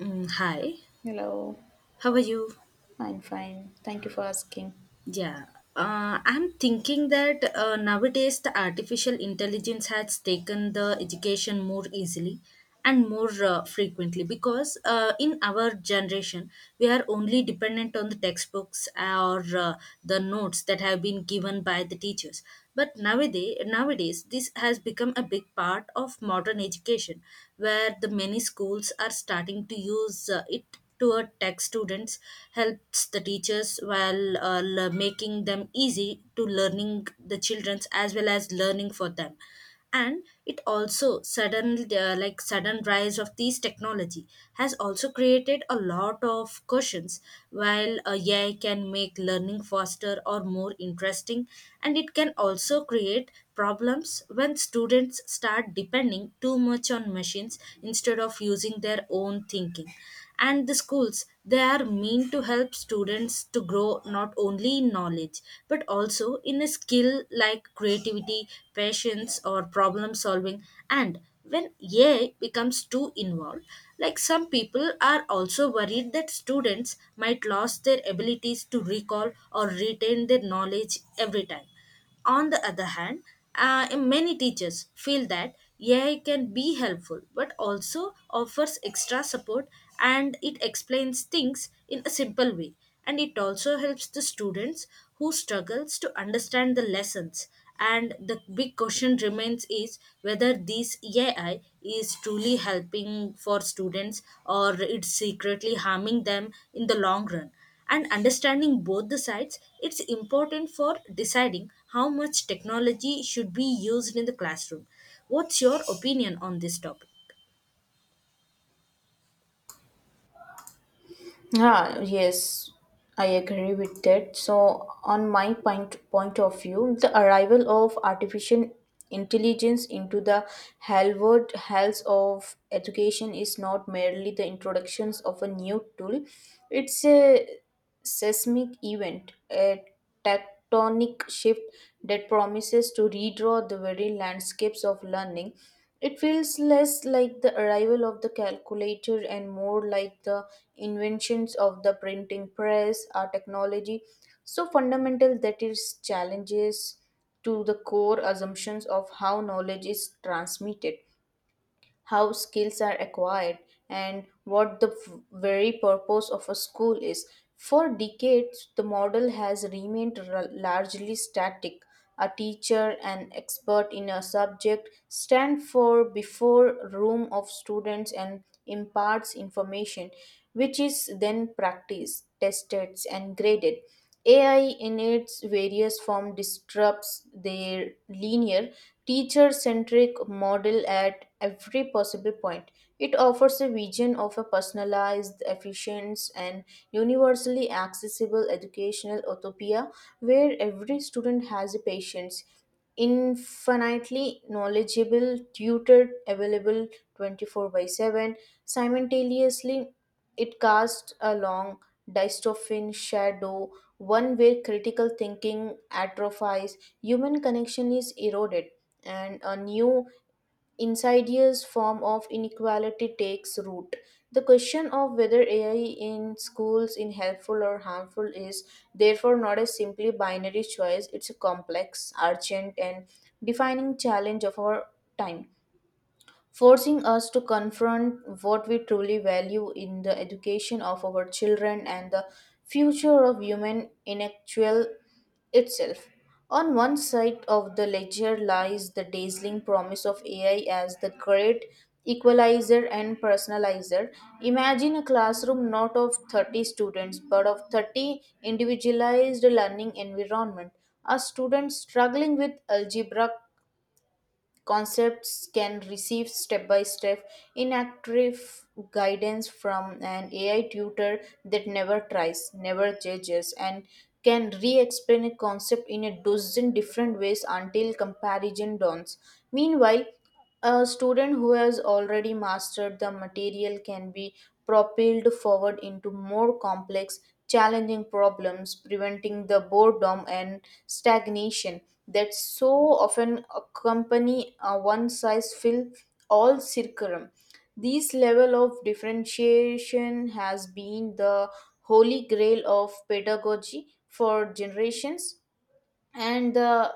Mm, hi, Hello, how are you? I'm fine. Thank you for asking. Yeah, I'm thinking that nowadays the artificial intelligence has taken the education more easily and more frequently because in our generation we are only dependent on the textbooks or the notes that have been given by the teachers. But nowadays this has become a big part of modern education, where the many schools are starting to use it to a tech students helps the teachers while making them easy to learning the childrens as well as learning for them, and it also sudden sudden rise of these technology has also created a lot of questions. While ai can make learning faster or more interesting, and it can also create problems when students start depending too much on machines instead of using their own thinking. And the schools, they are meant to help students to grow not only in knowledge but also in a skill like creativity, patience or problem solving. And when ai becomes too involved, like some people are also worried that students might lose their abilities to recall or retain their knowledge every time. On the other hand, many teachers feel that AI can be helpful but also offers extra support, and it explains things in a simple way, and it also helps the students who struggles to understand the lessons. And the big question remains is whether this AI is truly helping for students or it's secretly harming them in the long run. And understanding both the sides it's important for deciding how much technology should be used in the classroom. What's your opinion on this topic? Ah, yes, I agree with that. So, on my point of view, the arrival of artificial intelligence into the Harvard halls of education is not merely the introductions of a new tool. It's a seismic event, a tectonic shift that promises to redraw the very landscapes of learning. It feels less like the arrival of the calculator and more like the inventions of the printing press, our technology, so fundamental that it challenges to the core assumptions of how knowledge is transmitted, how skills are acquired, and what the very purpose of a school is. For decades, the model has remained largely static. A teacher, an expert in a subject, stand for before room of students and imparts information, which is then practiced, tested, and graded. AI in its various forms disrupts their linear, teacher centric model at every possible point. It offers a vision of a personalized, efficient, and universally accessible educational utopia where every student has a patience, infinitely knowledgeable tutor available 24 by 7. Simultaneously, it casts a long dystopian shadow, one where critical thinking atrophies, human connection is eroded, and a new insidious form of inequality takes root. The question of whether AI in schools is helpful or harmful is therefore not a simply binary choice. It's a complex, urgent, and defining challenge of our time, forcing us to confront what we truly value in the education of our children and the future of human intellectual itself. On one side of the ledger lies the dazzling promise of AI as the great equalizer and personalizer. Imagine a classroom not of 30 students but of 30 individualized learning environment. A student struggling with algebra concepts can receive step by step inactive guidance from an AI tutor that never tries, never judges, and can re explain a concept in a dozen different ways until comparison dawns. Meanwhile, a student who has already mastered the material can be propelled forward into more complex, challenging problems, preventing the boredom and stagnation that so often accompany a one size fits all curriculum. This level of differentiation has been the holy grail of pedagogy for generations, and the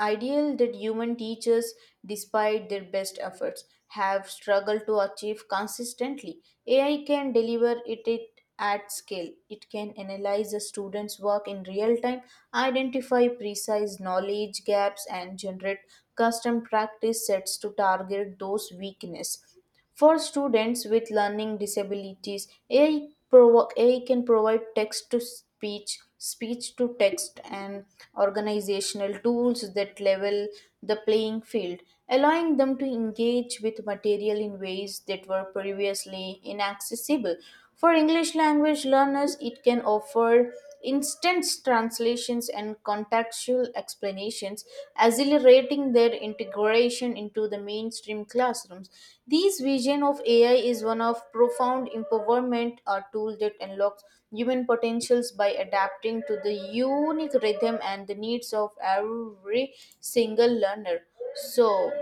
ideal that human teachers, despite their best efforts, have struggled to achieve consistently. AI can deliver it at scale. It can analyze a student's work in real time, identify precise knowledge gaps and generate custom practice sets to target those weaknesses. For students with learning disabilities, AI can provide text to speech, speech to text, and organizational tools that level the playing field, allowing them to engage with material in ways that were previously inaccessible. For English language learners, it can offer instant translations and contextual explanations, accelerating their integration into the mainstream classrooms. This vision of AI is one of profound empowerment, a tool that unlocks human potentials by adapting to the unique rhythm and the needs of every single learner. So,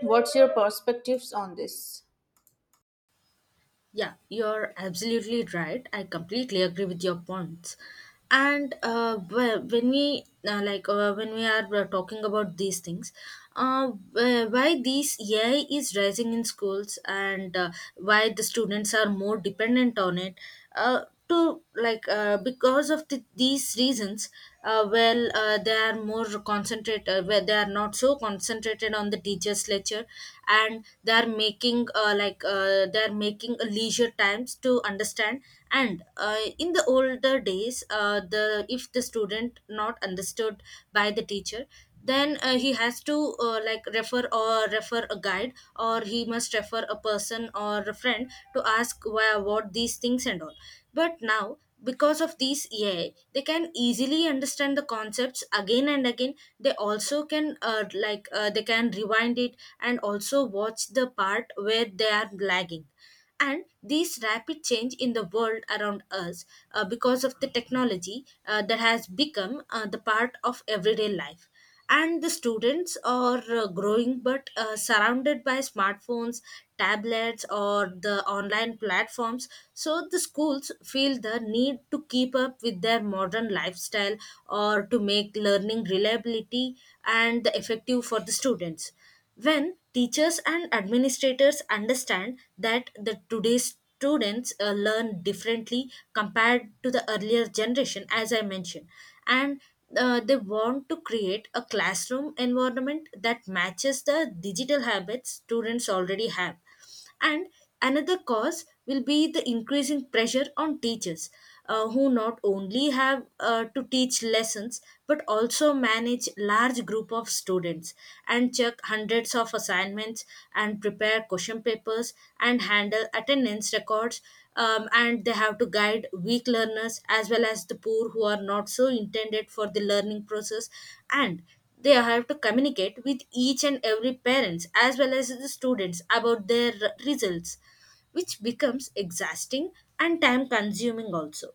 what's your perspectives on this? Yeah, you're absolutely right, I completely agree with your points. And when we when we are talking about these things, uh, why these ai is rising in schools, and why the students are more dependent on it, uh, to like because of these reasons. They are more concentrated where they are not so concentrated on the teacher's lecture, and they are making they are making a leisure times to understand. And in the older days the if the student not understood by the teacher, then he has to refer or refer a guide, or he must refer a person or a friend to ask why about these things and all. But now because of these ai they can easily understand the concepts again and again. They also can they can rewind it and also watch the part where they are lagging. And these rapid change in the world around us, because of the technology that has become the part of everyday life, and the students are growing but surrounded by smartphones, tablets or the online platforms. So the schools feel the need to keep up with their modern lifestyle or to make learning reliability and effective for the students, when teachers and administrators understand that the today's students learn differently compared to the earlier generation, as I mentioned, and they want to create a classroom environment that matches the digital habits students already have. And another cause will be the increasing pressure on teachers, who not only have to teach lessons but also manage large group of students, and check hundreds of assignments, and prepare question papers, and handle attendance records. And they have to guide weak learners as well as the poor who are not so intended for the learning process, and they have to communicate with each and every parents as well as the students about their results, which becomes exhausting and time consuming also.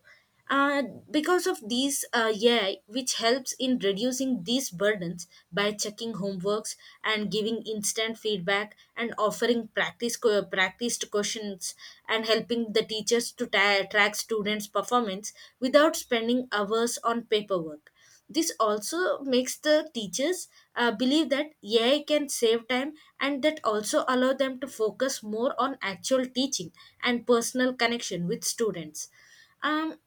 uh, because of these ai, which helps in reducing these burdens by checking homeworks, and giving instant feedback, and offering practiced questions, and helping the teachers to track students performance without spending hours on paperwork. This also makes the teachers believe that AI can save time, and that also allow them to focus more on actual teaching and personal connection with students. Um,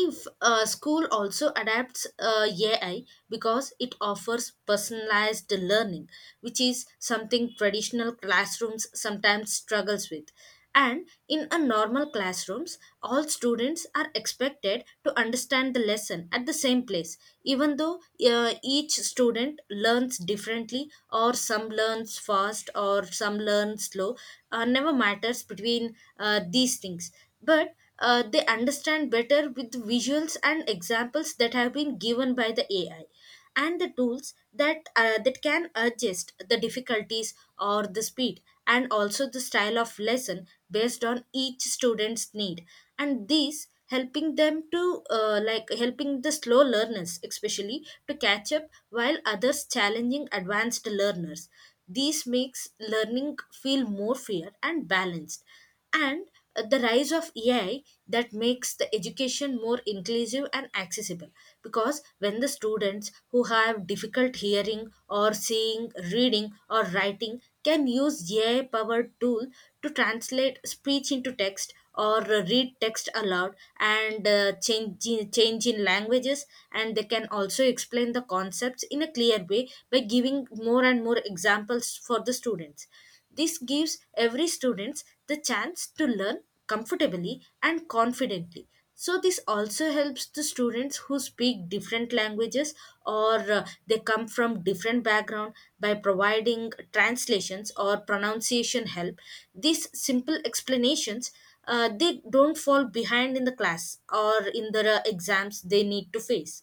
if school also adapts ai because it offers personalized learning, which is something traditional classrooms sometimes struggles with. And in a normal classrooms all students are expected to understand the lesson at the same place, even though each student learns differently, or some learns fast or some learn slow. Never matters between these things, but they understand better with visuals and examples that have been given by the AI, and the tools that that can adjust the difficulties or the speed and also the style of lesson based on each student's need. And these helping them to helping the slow learners especially to catch up while others challenging advanced learners. This makes learning feel more fair and balanced. And the rise of AI that makes the education more inclusive and accessible. Because when the students who have difficult hearing or seeing, reading, or writing can use AI powered tool to translate speech into text, or read text aloud, and change in languages. And they can also explain the concepts in a clear way by giving more and more examples for the students. This gives every students the chance to learn comfortably and confidently. So this also helps the students who speak different languages, or they come from different background, by providing translations or pronunciation help. These simple explanations, they don't fall behind in the class or in the exams they need to face.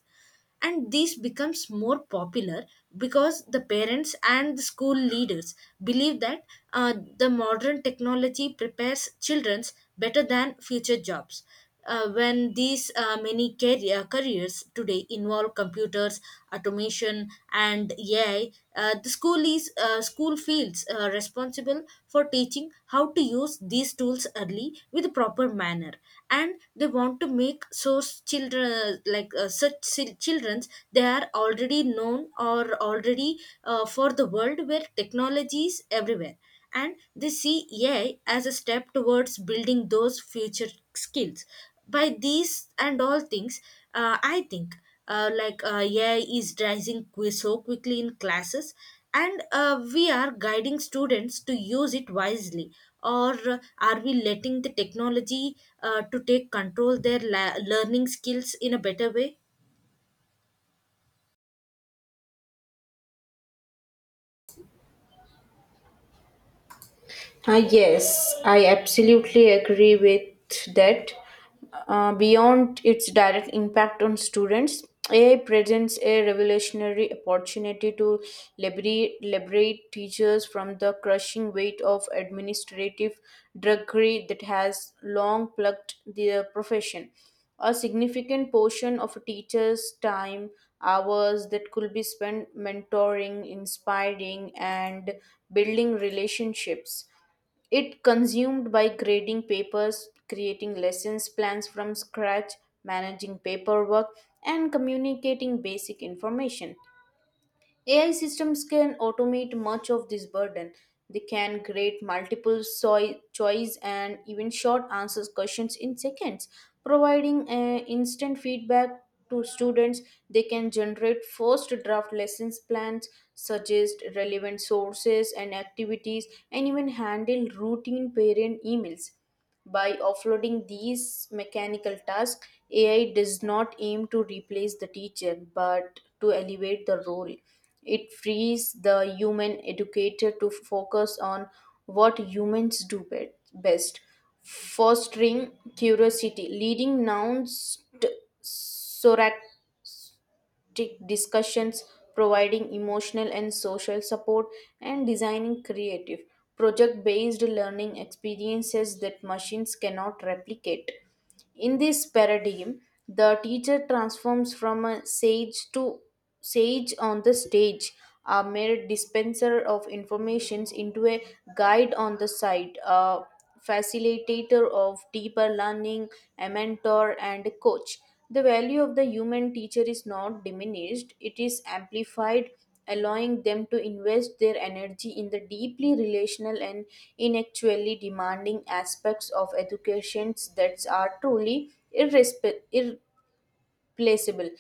And this becomes more popular because the parents and the school leaders believe that the modern technology prepares childrens better than future jobs. When these careers today involve computers, automation and ai, the school is school feels responsible for teaching how to use these tools early with proper manner, and they want to make so children such childrens they are already known or already for the world where technology is everywhere. And they see AI as a step towards building those future skills. By these and all things, I think AI is rising so quickly in classes, and we are guiding students to use it wisely. Or are we letting the technology to take control their learning skills in a better way? Yes, I absolutely agree with that. Beyond its direct impact on students, AI presents a revolutionary opportunity to liberate teachers from the crushing weight of administrative drudgery that has long plagued their profession. A significant portion of a teacher's time, hours that could be spent mentoring, inspiring, and building relationships, it consumed by grading papers, creating lessons plans from scratch, managing paperwork, and communicating basic information. AI systems can automate much of this burden. They can create multiple choice and even short answers questions in seconds, providing instant feedback to students. They can generate first draft lessons plans, suggest relevant sources and activities, and even handle routine parent emails. By offloading these mechanical tasks, AI does not aim to replace the teacher but to elevate the role. It frees the human educator to focus on what humans do best, fostering curiosity. Leading nouns sorac- discussions, providing emotional and social support, and designing creative, project based learning experiences that machines cannot replicate. In this paradigm, the teacher transforms from a sage on the stage, a mere dispenser of informations, into a guide on the side, a facilitator of deeper learning, a mentor and a coach. The value of the human teacher is not diminished, it is amplified, allowing them to invest their energy in the deeply relational and intellectually demanding aspects of educations that are truly irresp- irreplaceable.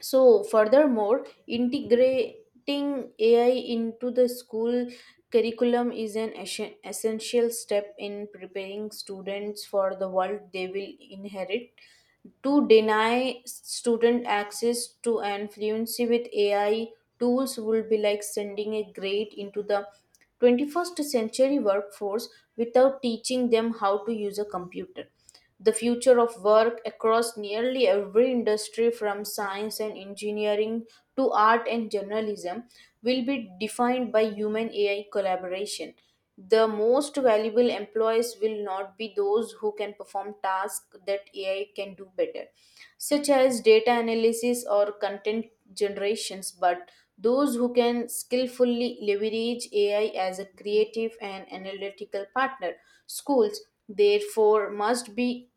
So, furthermore, integrating AI into the school curriculum is an essential step in preparing students for the world they will inherit. To deny student access to and fluency with AI tools would be like sending a grade into the 21st century workforce without teaching them how to use a computer. The future of work across nearly every industry, from science and engineering to art and journalism, will be defined by human AI collaboration. The most valuable employees will not be those who can perform tasks that AI can do better, such as data analysis or content generations, but those who can skillfully leverage AI as a creative and analytical partner. Schools, therefore,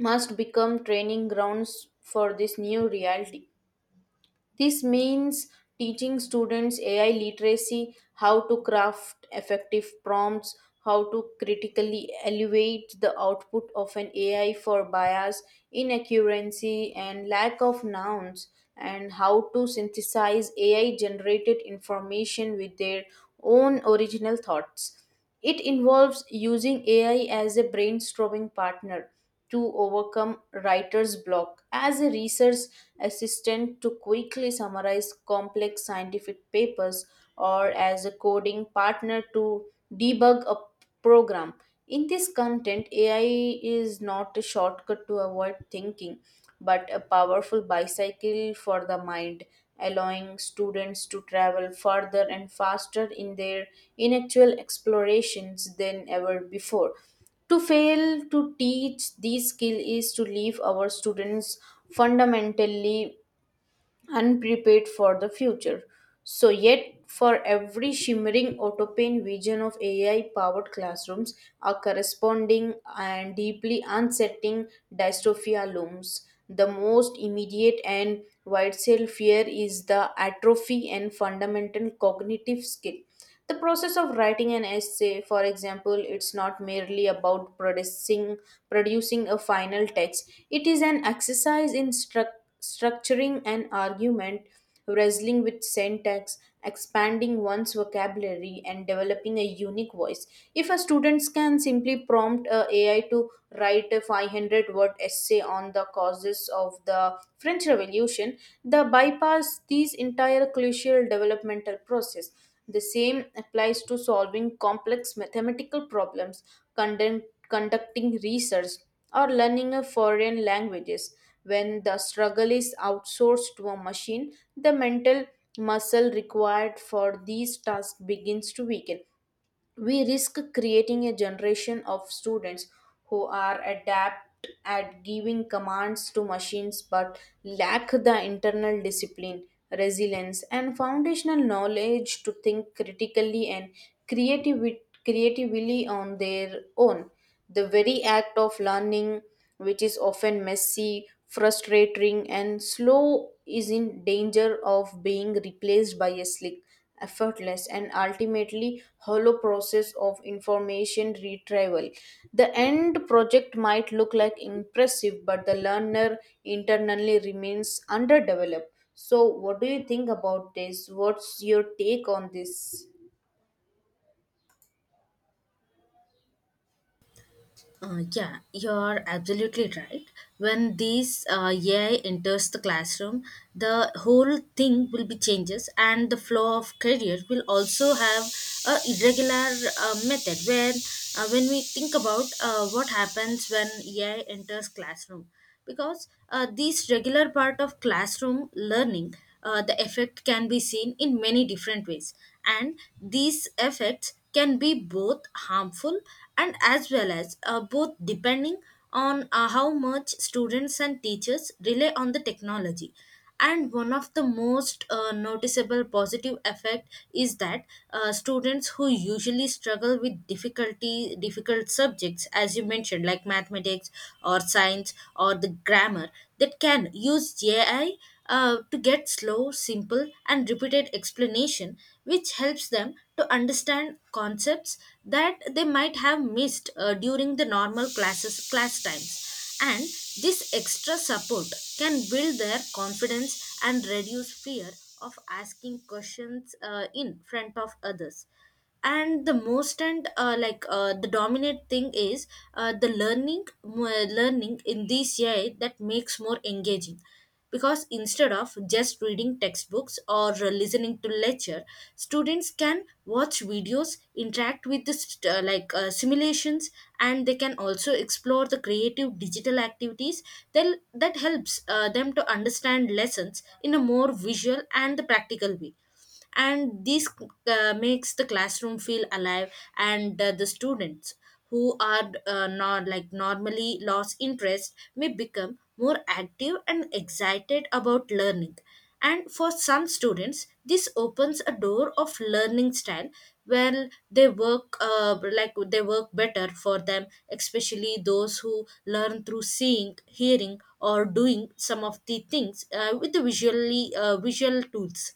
must become training grounds for this new reality. This means teaching students AI literacy, how to craft effective prompts, how to critically evaluate the output of an AI for bias, inaccuracy, and lack of nouns, and how to synthesize AI generated information with their own original thoughts. It involves using AI as a brainstorming partner to overcome writer's block. As a research assistant, to quickly summarize complex scientific papers, or as a coding partner to debug a program. In this content, AI is not a shortcut to avoid thinking, but a powerful bicycle for the mind, allowing students to travel further and faster in their intellectual explorations than ever before. To fail to teach these skills is to leave our students fundamentally unprepared for the future. So, yet for every shimmering autopane vision of AI powered classrooms, a corresponding and deeply unsettling dystopia looms. The most immediate and widespread fear is the atrophy and fundamental cognitive skill, the process of writing an essay, for example. It's not merely about producing a final text, it is an exercise in structuring an argument, wrestling with syntax, expanding one's vocabulary, and developing a unique voice. If a student can simply prompt a AI to write a 500 word essay on the causes of the French Revolution, the bypass these entire crucial developmental process. The same applies to solving complex mathematical problems, conden- conducting research, or learning a foreign languages. When the struggle is outsourced to a machine, the mental muscle required for these tasks begins to weaken. We risk creating a generation of students who are adept at giving commands to machines but lack the internal discipline, resilience, and foundational knowledge to think critically and creative- creatively on their own. The very act of learning, which is often messy, frustrating, and slow, is in danger of being replaced by a slick, effortless, and ultimately hollow process of information retrieval. The end project might look like impressive, but the learner internally remains underdeveloped. So, what do you think about this? What's your take on this? Yeah, you're absolutely right. When these AI enters the classroom, the whole thing will be changes, and the flow of career will also have a irregular method. When we think about what happens when AI enters classroom, because these regular part of classroom learning, the effect can be seen in many different ways, and these effects can be both harmful and as well as both depending on how much students and teachers rely on the technology. And one of the most noticeable positive effect is that students who usually struggle with difficult subjects, as you mentioned, like mathematics or science or the grammar, that can use ai to get slow simple and repeated explanation, which helps them to understand concepts that they might have missed during the normal class times. And this extra support can build their confidence and reduce fear of asking questions in front of others. And the most and the dominant thing is learning in this AI that makes more engaging, because instead of just reading textbooks or listening to lecture, students can watch videos, interact with the simulations, and they can also explore the creative digital activities that helps them to understand lessons in a more visual and the practical way. And this makes the classroom feel alive, and the students who are not like normally lost interest may become more active and excited about learning. And for some students this opens a door of learning style where they work they work better for them, especially those who learn through seeing, hearing or doing some of the things with the visually visual tools.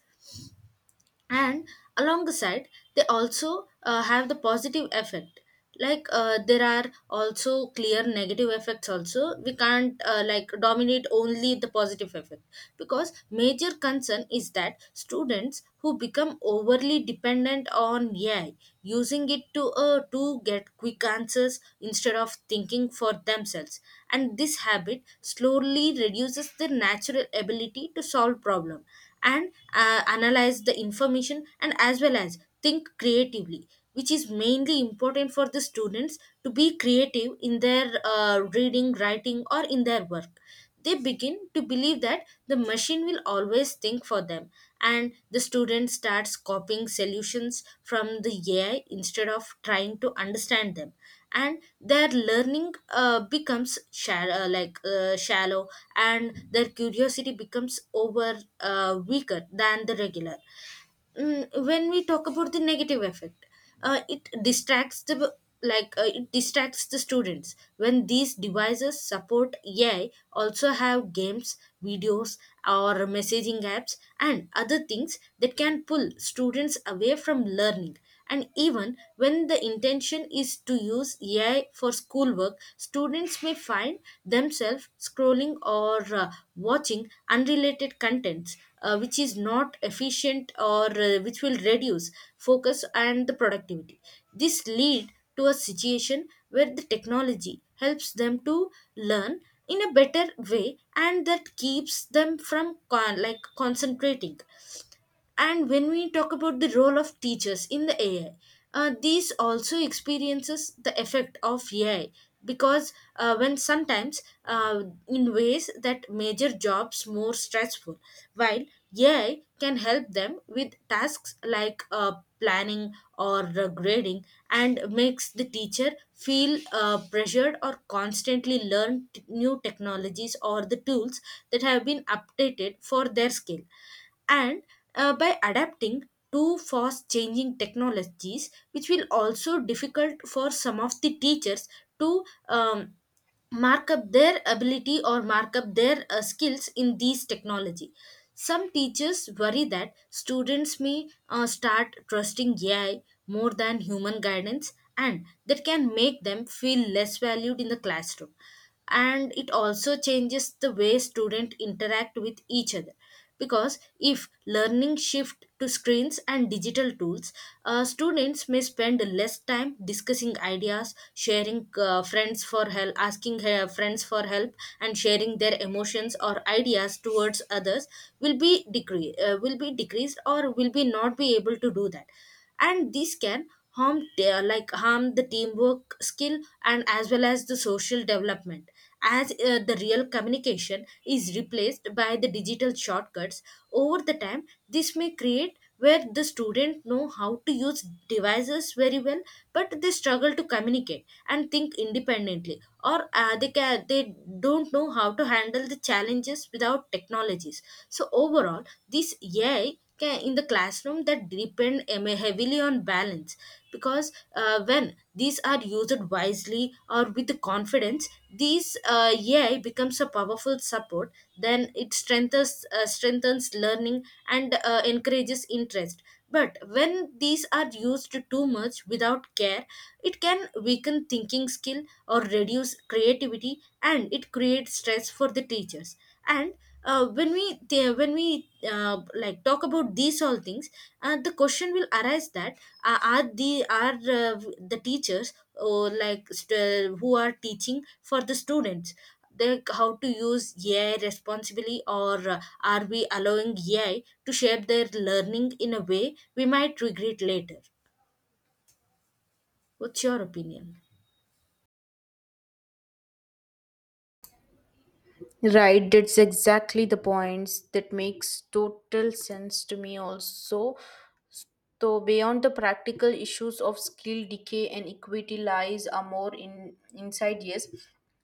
And alongside, they also have the positive effect, like there are also clear negative effects also. We can't dominate only the positive effect, because major concern is that students who become overly dependent on ai, using it to get quick answers instead of thinking for themselves. And this habit slowly reduces their natural ability to solve problem, and analyze the information, and as well as think creatively, which is mainly important for the students to be creative in their reading, writing, or in their work. They begin to believe that the machine will always think for them. And the student starts copying solutions from the AI instead of trying to understand them. And their learning becomes shallow, like shallow, and their curiosity becomes over weaker than the regular. When we talk about the negative effect, it distracts the it distracts the students when these devices support AI, also have games, videos, or messaging apps and other things that can pull students away from learning. And even when the intention is to use AI for schoolwork, students may find themselves scrolling or watching unrelated contents, which is not efficient, or which will reduce focus and the productivity. This lead to a situation where the technology helps them to learn in a better way, and that keeps them from concentrating. And when we talk about the role of teachers in the AI, these also experiences the effect of AI, because when sometimes in ways that major jobs more stressful, while AI can help them with tasks like planning or grading, and makes the teacher feel pressured or constantly learn new technologies or the tools that have been updated for their skill. And by adapting to fast changing technologies, which will also difficult for some of the teachers to mark up their ability or mark up their skills in these technology. Some teachers worry that students may start trusting AI more than human guidance, and that can make them feel less valued in the classroom. And it also changes the way students interact with each other, because if learning shift to screens and digital tools, students may spend less time discussing ideas, sharing friends for help, asking her friends for help, and sharing their emotions or ideas towards others will be decre will be decreased, or will be not be able to do that. And this can harm the teamwork skill, and as well as the social development, as the real communication is replaced by the digital shortcuts. Over the time, this may create where the student know how to use devices very well, but they struggle to communicate and think independently, or they don't know how to handle the challenges without technologies. So overall, this in the classroom that depend heavily on balance, because when these are used wisely or with confidence, these ai becomes a powerful support, then it strengthens learning, and encourages interest. But when these are used too much without care, it can weaken thinking skill or reduce creativity, and it creates stress for the teachers. And when we talk about these all things, the question will arise that, are the teachers or who are teaching for the students, they, how to use AI responsibly, or are we allowing AI to shape their learning in a way we might regret later? What's your opinion? Right, that's exactly the points that makes total sense to me also. So beyond the practical issues of skill decay and equity lies a more in insidious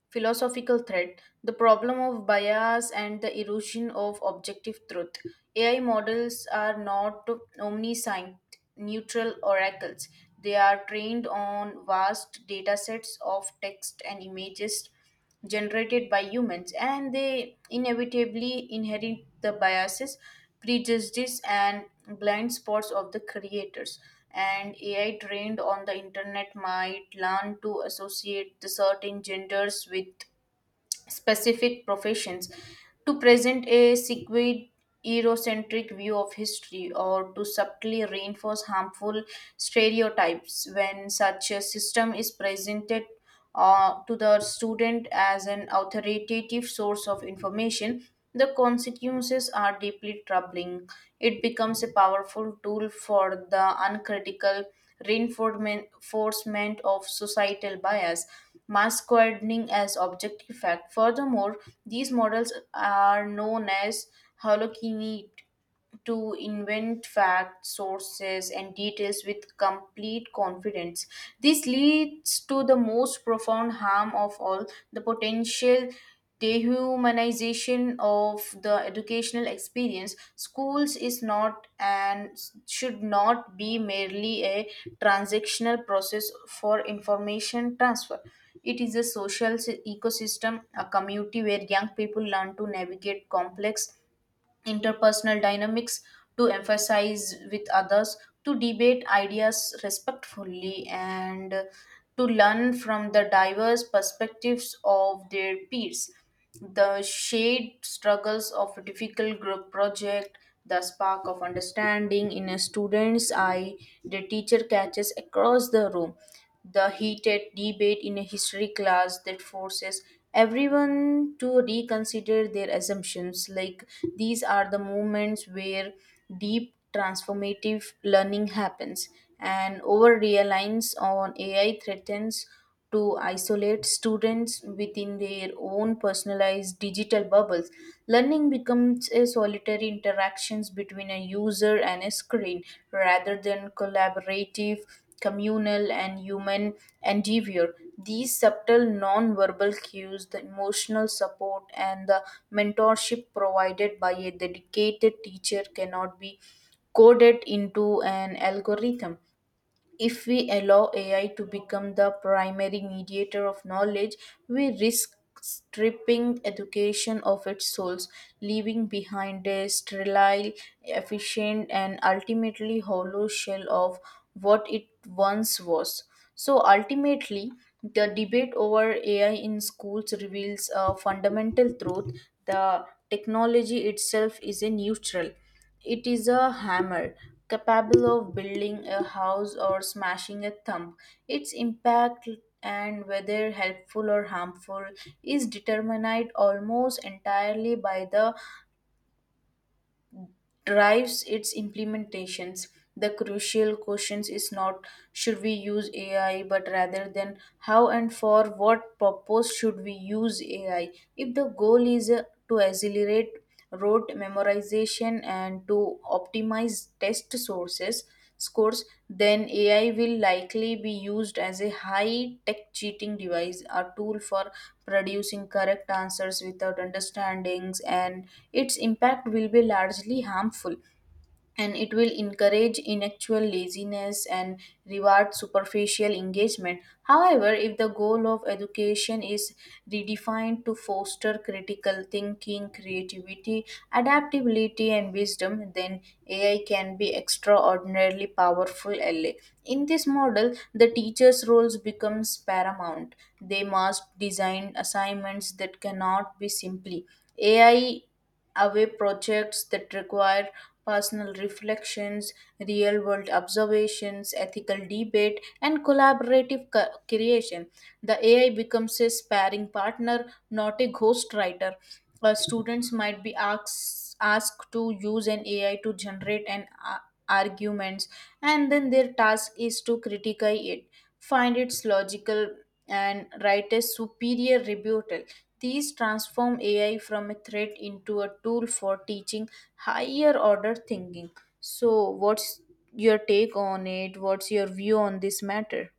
philosophical threat, the problem of bias and the erosion of objective truth. AI models are not omniscient, neutral oracles. They are trained on vast data sets of text and images generated by humans and they inevitably inherit the biases, prejudices and blind spots of the creators. And AI trained on the internet might learn to associate the certain genders with specific professions, to present a sequid Eurocentric view of history or to subtly reinforce harmful stereotypes. When such a system is presented, to the student as an authoritative source of information, the consequences are deeply troubling. It becomes a powerful tool for the uncritical reinforcement of societal bias, masquerading as objective fact. Furthermore, these models are known as holocentric to invent facts, sources, and details with complete confidence. This leads to the most profound harm of all, the potential dehumanization of the educational experience. Schools is not and should not be merely a transactional process for information transfer. It is a social ecosystem, a community where young people learn to navigate complex interpersonal dynamics, to emphasize with others, to debate ideas respectfully, and to learn from the diverse perspectives of their peers. The shared struggles of a difficult group project, the spark of understanding in a student's eye, the teacher catches across the room, the heated debate in a history class that forces everyone to reconsider their assumptions. Like these are the moments where deep transformative learning happens, and over reliance on AI threatens to isolate students within their own personalized digital bubbles. Learning becomes a solitary interactions between a user and a screen rather than collaborative, communal and human endeavor. These subtle non-verbal cues, the emotional support and the mentorship provided by a dedicated teacher cannot be coded into an algorithm. If we allow AI to become the primary mediator of knowledge, we risk stripping education of its souls, leaving behind a sterile, efficient, and ultimately hollow shell of what it once was. So, ultimately, the debate over AI in schools reveals a fundamental truth. The technology itself is a neutral. It is a hammer, capable of building a house or smashing a thumb. Its impact and whether helpful or harmful is determined almost entirely by the drives its implementations. The crucial question is not should we use AI, but rather than how and for what purpose should we use AI. If the goal is to accelerate rote memorization and to optimize test sources scores, then AI will likely be used as a high tech cheating device, a tool for producing correct answers without understandings, and its impact will be largely harmful, and it will encourage intellectual laziness and reward superficial engagement. However, if the goal of education is redefined to foster critical thinking, creativity, adaptability, and wisdom, then AI can be extraordinarily powerful ally. In this model, the teacher's roles becomes paramount. They must design assignments that cannot be simply AI away, projects that require personal reflections, real world observations, ethical debate, and collaborative co- creation. The AI becomes a sparring partner, not a ghostwriter. Students might be asked to use an AI to generate arguments, and then their task is to critique it, find its logical and write a superior rebuttal. These transform AI from a threat into a tool for teaching higher order thinking. So, what's your take on it? What's your view on this matter?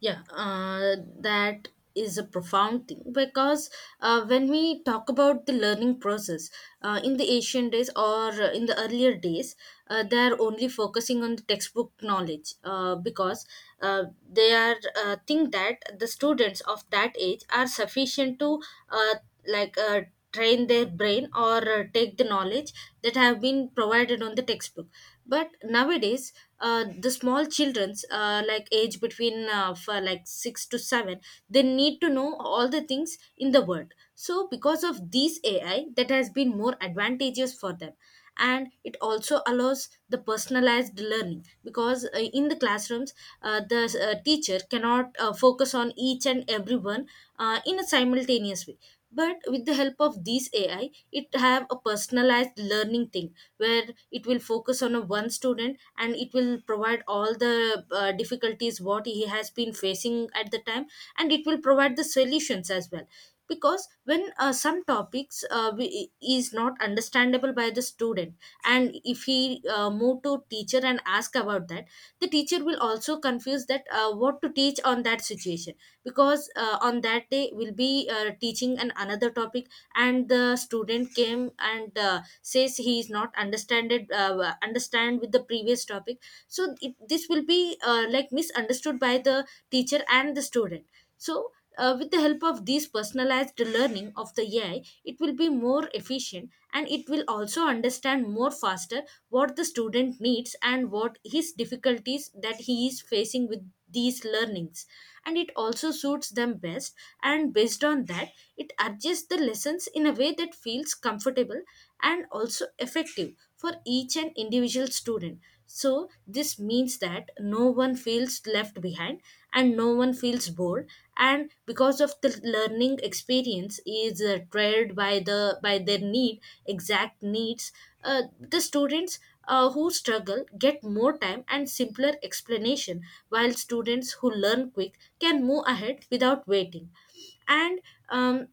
Yeah, that is a profound thing, because when we talk about the learning process, in the ancient days, or in the earlier days, they are only focusing on the textbook knowledge, because uh, they are think that the students of that age are sufficient to uh, like uh, train their brain or take the knowledge that have been provided on the textbook. But nowadays, the small children's like age between for like 6 to 7, they need to know all the things in the world, so because of these ai that has been more advantageous for them. And it also allows the personalized learning, because in the classrooms, the teacher cannot focus on each and everyone in a simultaneous way, but with the help of these ai, it have a personalized learning thing, where it will focus on a one student, and it will provide all the difficulties what he has been facing at the time, and it will provide the solutions as well. Because when some topics is not understandable by the student, and if he move to teacher and ask about that, the teacher will also confuse that what to teach on that situation, because on that day we'll be teaching an another topic, and the student came and says he is not understand with the previous topic. So this will be misunderstood by the teacher and the student. So with the help of these personalized learning of the AI, it will be more efficient, and it will also understand more faster what the student needs and what his difficulties that he is facing with these learnings. And it also suits them best, and based on that, it adjusts the lessons in a way that feels comfortable and also effective for each and individual student. So this means that no one feels left behind and no one feels bored, and because of the learning experience is tried by the by their need, exact needs, the students who struggle get more time and simpler explanation, while students who learn quick can move ahead without waiting. And um,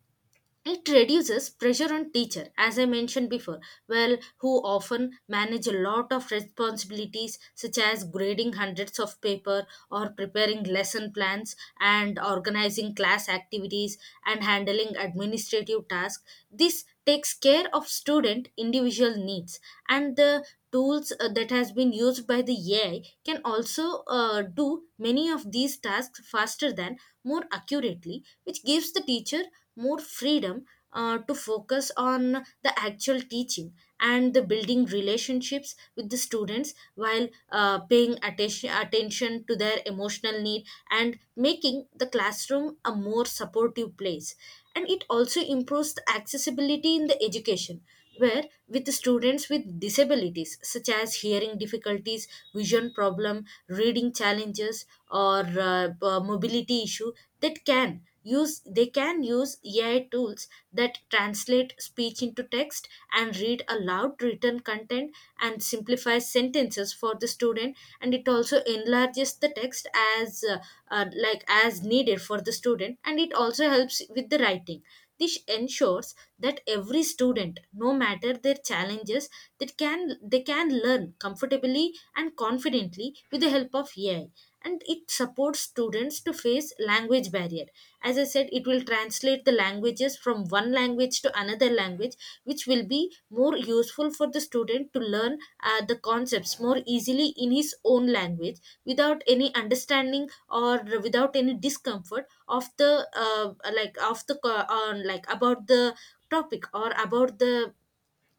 it reduces pressure on teacher, as I mentioned before, well, who often manage a lot of responsibilities, such as grading hundreds of paper, or preparing lesson plans, and organizing class activities, and handling administrative tasks. This takes care of student individual needs, and the tools that has been used by the AI can also do many of these tasks faster than more accurately, which gives the teacher more freedom to focus on the actual teaching, and the building relationships with the students, while paying attention to their emotional need, and making the classroom a more supportive place. And it also improves the accessibility in the education, where with the students with disabilities, such as hearing difficulties, vision problem, reading challenges, or mobility issue, that can use they can use ai tools that translate speech into text, and read aloud written content, and simplify sentences for the student, and it also enlarges the text as as needed for the student, and it also helps with the writing. This ensures that every student, no matter their challenges, that can they can learn comfortably and confidently with the help of ai. And it supports students to face language barrier, as I said, it will translate the languages from one language to another language, which will be more useful for the student to learn the concepts more easily in his own language, without any understanding, or without any discomfort of the of the about the topic, or about the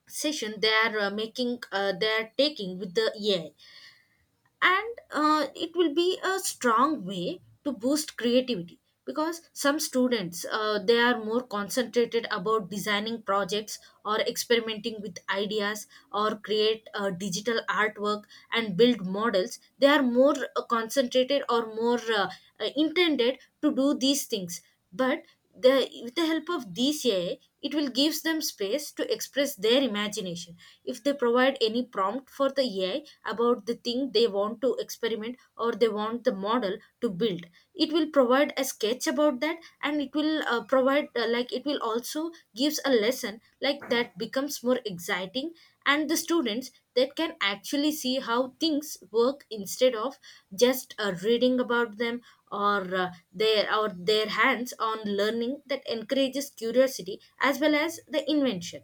session they are making they are taking with the ai. And it will be a strong way to boost creativity, because some students they are more concentrated about designing projects, or experimenting with ideas, or create digital artwork, and build models. They are more concentrated, or more intended to do these things. But with the help of these AI, it will gives them space to express their imagination. If they provide any prompt for the AI about the thing they want to experiment, or they want the model to build, it will provide a sketch about that, and it will provide like it will also gives a lesson, like that becomes more exciting, and the students that can actually see how things work, instead of just reading about them, or their hands on learning that encourages curiosity, as well as the invention.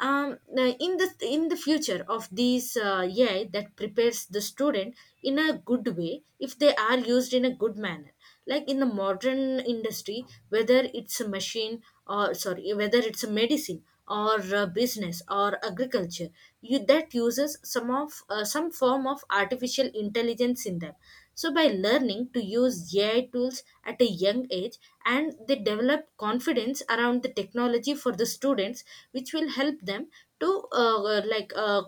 In the future of these AI that prepares the student in a good way if they are used in a good manner, like in the modern industry, whether it's a machine, or sorry, whether it's a medicine, or a business, or agriculture, you that uses some of some form of artificial intelligence in them. So by learning to use ai tools at a young age, and they develop confidence around the technology for the students, which will help them to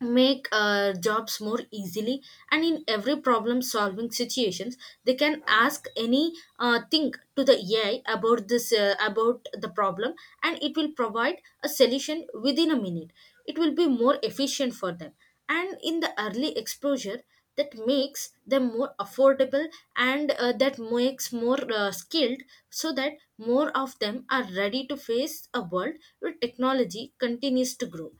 make jobs more easily. And in every problem solving situations, they can ask any thing to the ai about this about the problem, and it will provide a solution within a minute, it will be more efficient for them. And in the early exposure, that makes them more affordable, and that makes more skilled, so that more of them are ready to face a world where technology continues to grow.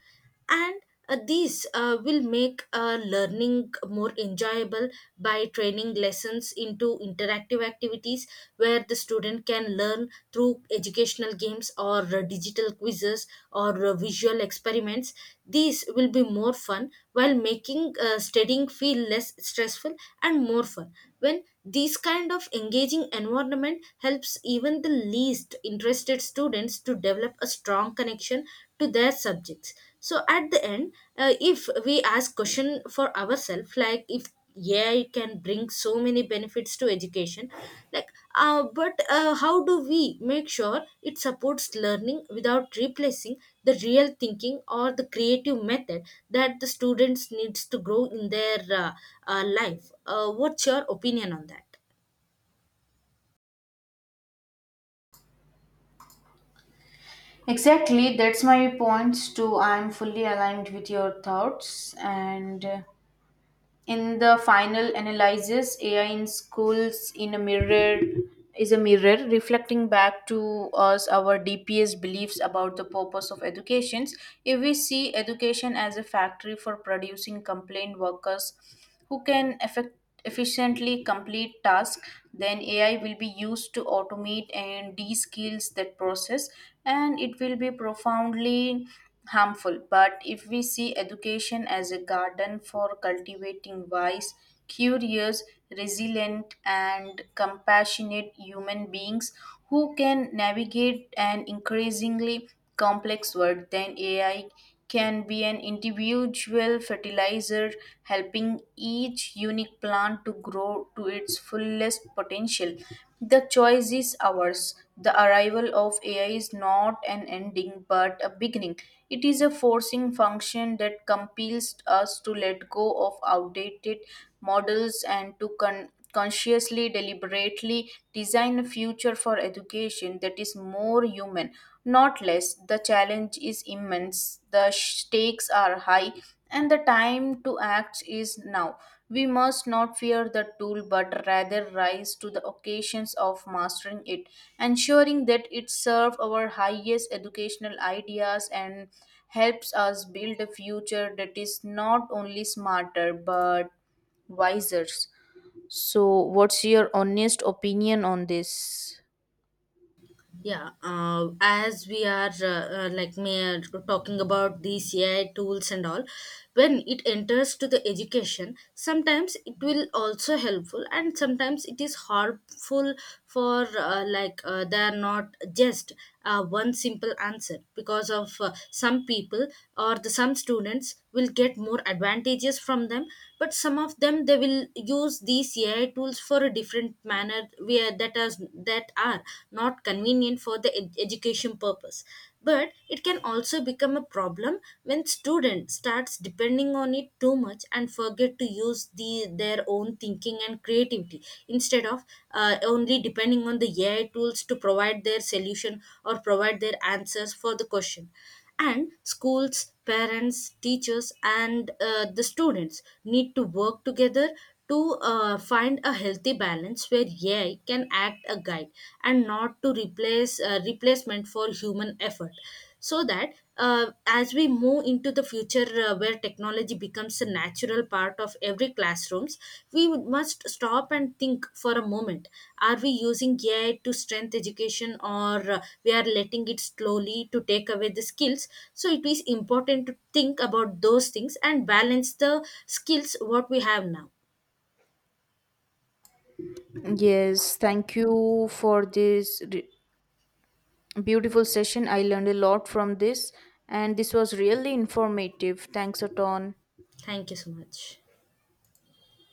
And these will make learning more enjoyable, by training lessons into interactive activities, where the student can learn through educational games, or digital quizzes, or visual experiments. These will be more fun, while making studying feel less stressful and more fun. When this kind of engaging environment helps even the least interested students to develop a strong connection to their subjects. So at the end, if we ask question for ourselves, like if, yeah, it can bring so many benefits to education, like but how do we make sure it supports learning without replacing the real thinking or the creative method that the students needs to grow in their life, what's your opinion on that? Exactly, that's my points too. I'm fully aligned with your thoughts and. In the final analysis, AI in schools in a mirror is a mirror reflecting back to us our DPS beliefs about the purpose of educations. If we see education as a factory for producing complaint workers who can efficiently complete tasks, then AI will be used to automate and de-skills that process, and it will be profoundly harmful. But if we see education as a garden for cultivating wise, curious, resilient and compassionate human beings who can navigate an increasingly complex world, then AI can be an individual fertilizer, helping each unique plant to grow to its fullest potential. The choice is ours. The arrival of AI is not an ending but a beginning. It is a forcing function that compels us to let go of outdated models and to consciously, deliberately design a future for education that is more human, not less. The challenge is immense, the stakes are high, and the time to act is now. We must not fear the tool but rather rise to the occasions of mastering it, ensuring that it serves our highest educational ideas and helps us build a future that is not only smarter but wiser. So, what's your honest opinion on this? Yeah, as we are like me talking about these AI tools and all, when it enters to the education, sometimes it will also helpful, and sometimes it is harmful, for they are not just one simple answer, because of some people or the some students will get more advantages from them, but some of them they will use these ai tools for a different manner, where that is that are not convenient for the education purpose. But it can also become a problem when student starts depending on it too much, and forget to use their own thinking and creativity, instead of only depending on the AI tools to provide their solution or provide their answers for the question. And schools, parents, teachers, and the students need to work together to find a healthy balance where ai can act a guide, and not to replace replacement for human effort. So that as we move into the future, where technology becomes a natural part of every classrooms, we must stop and think for a moment, are we using ai to strengthen education, or we are letting it slowly to take away the skills? So it is important to think about those things and balance the skills what we have now. Yes, thank you for this beautiful session. I learned a lot from this, and this was really informative. Thanks a ton. Thank you so much.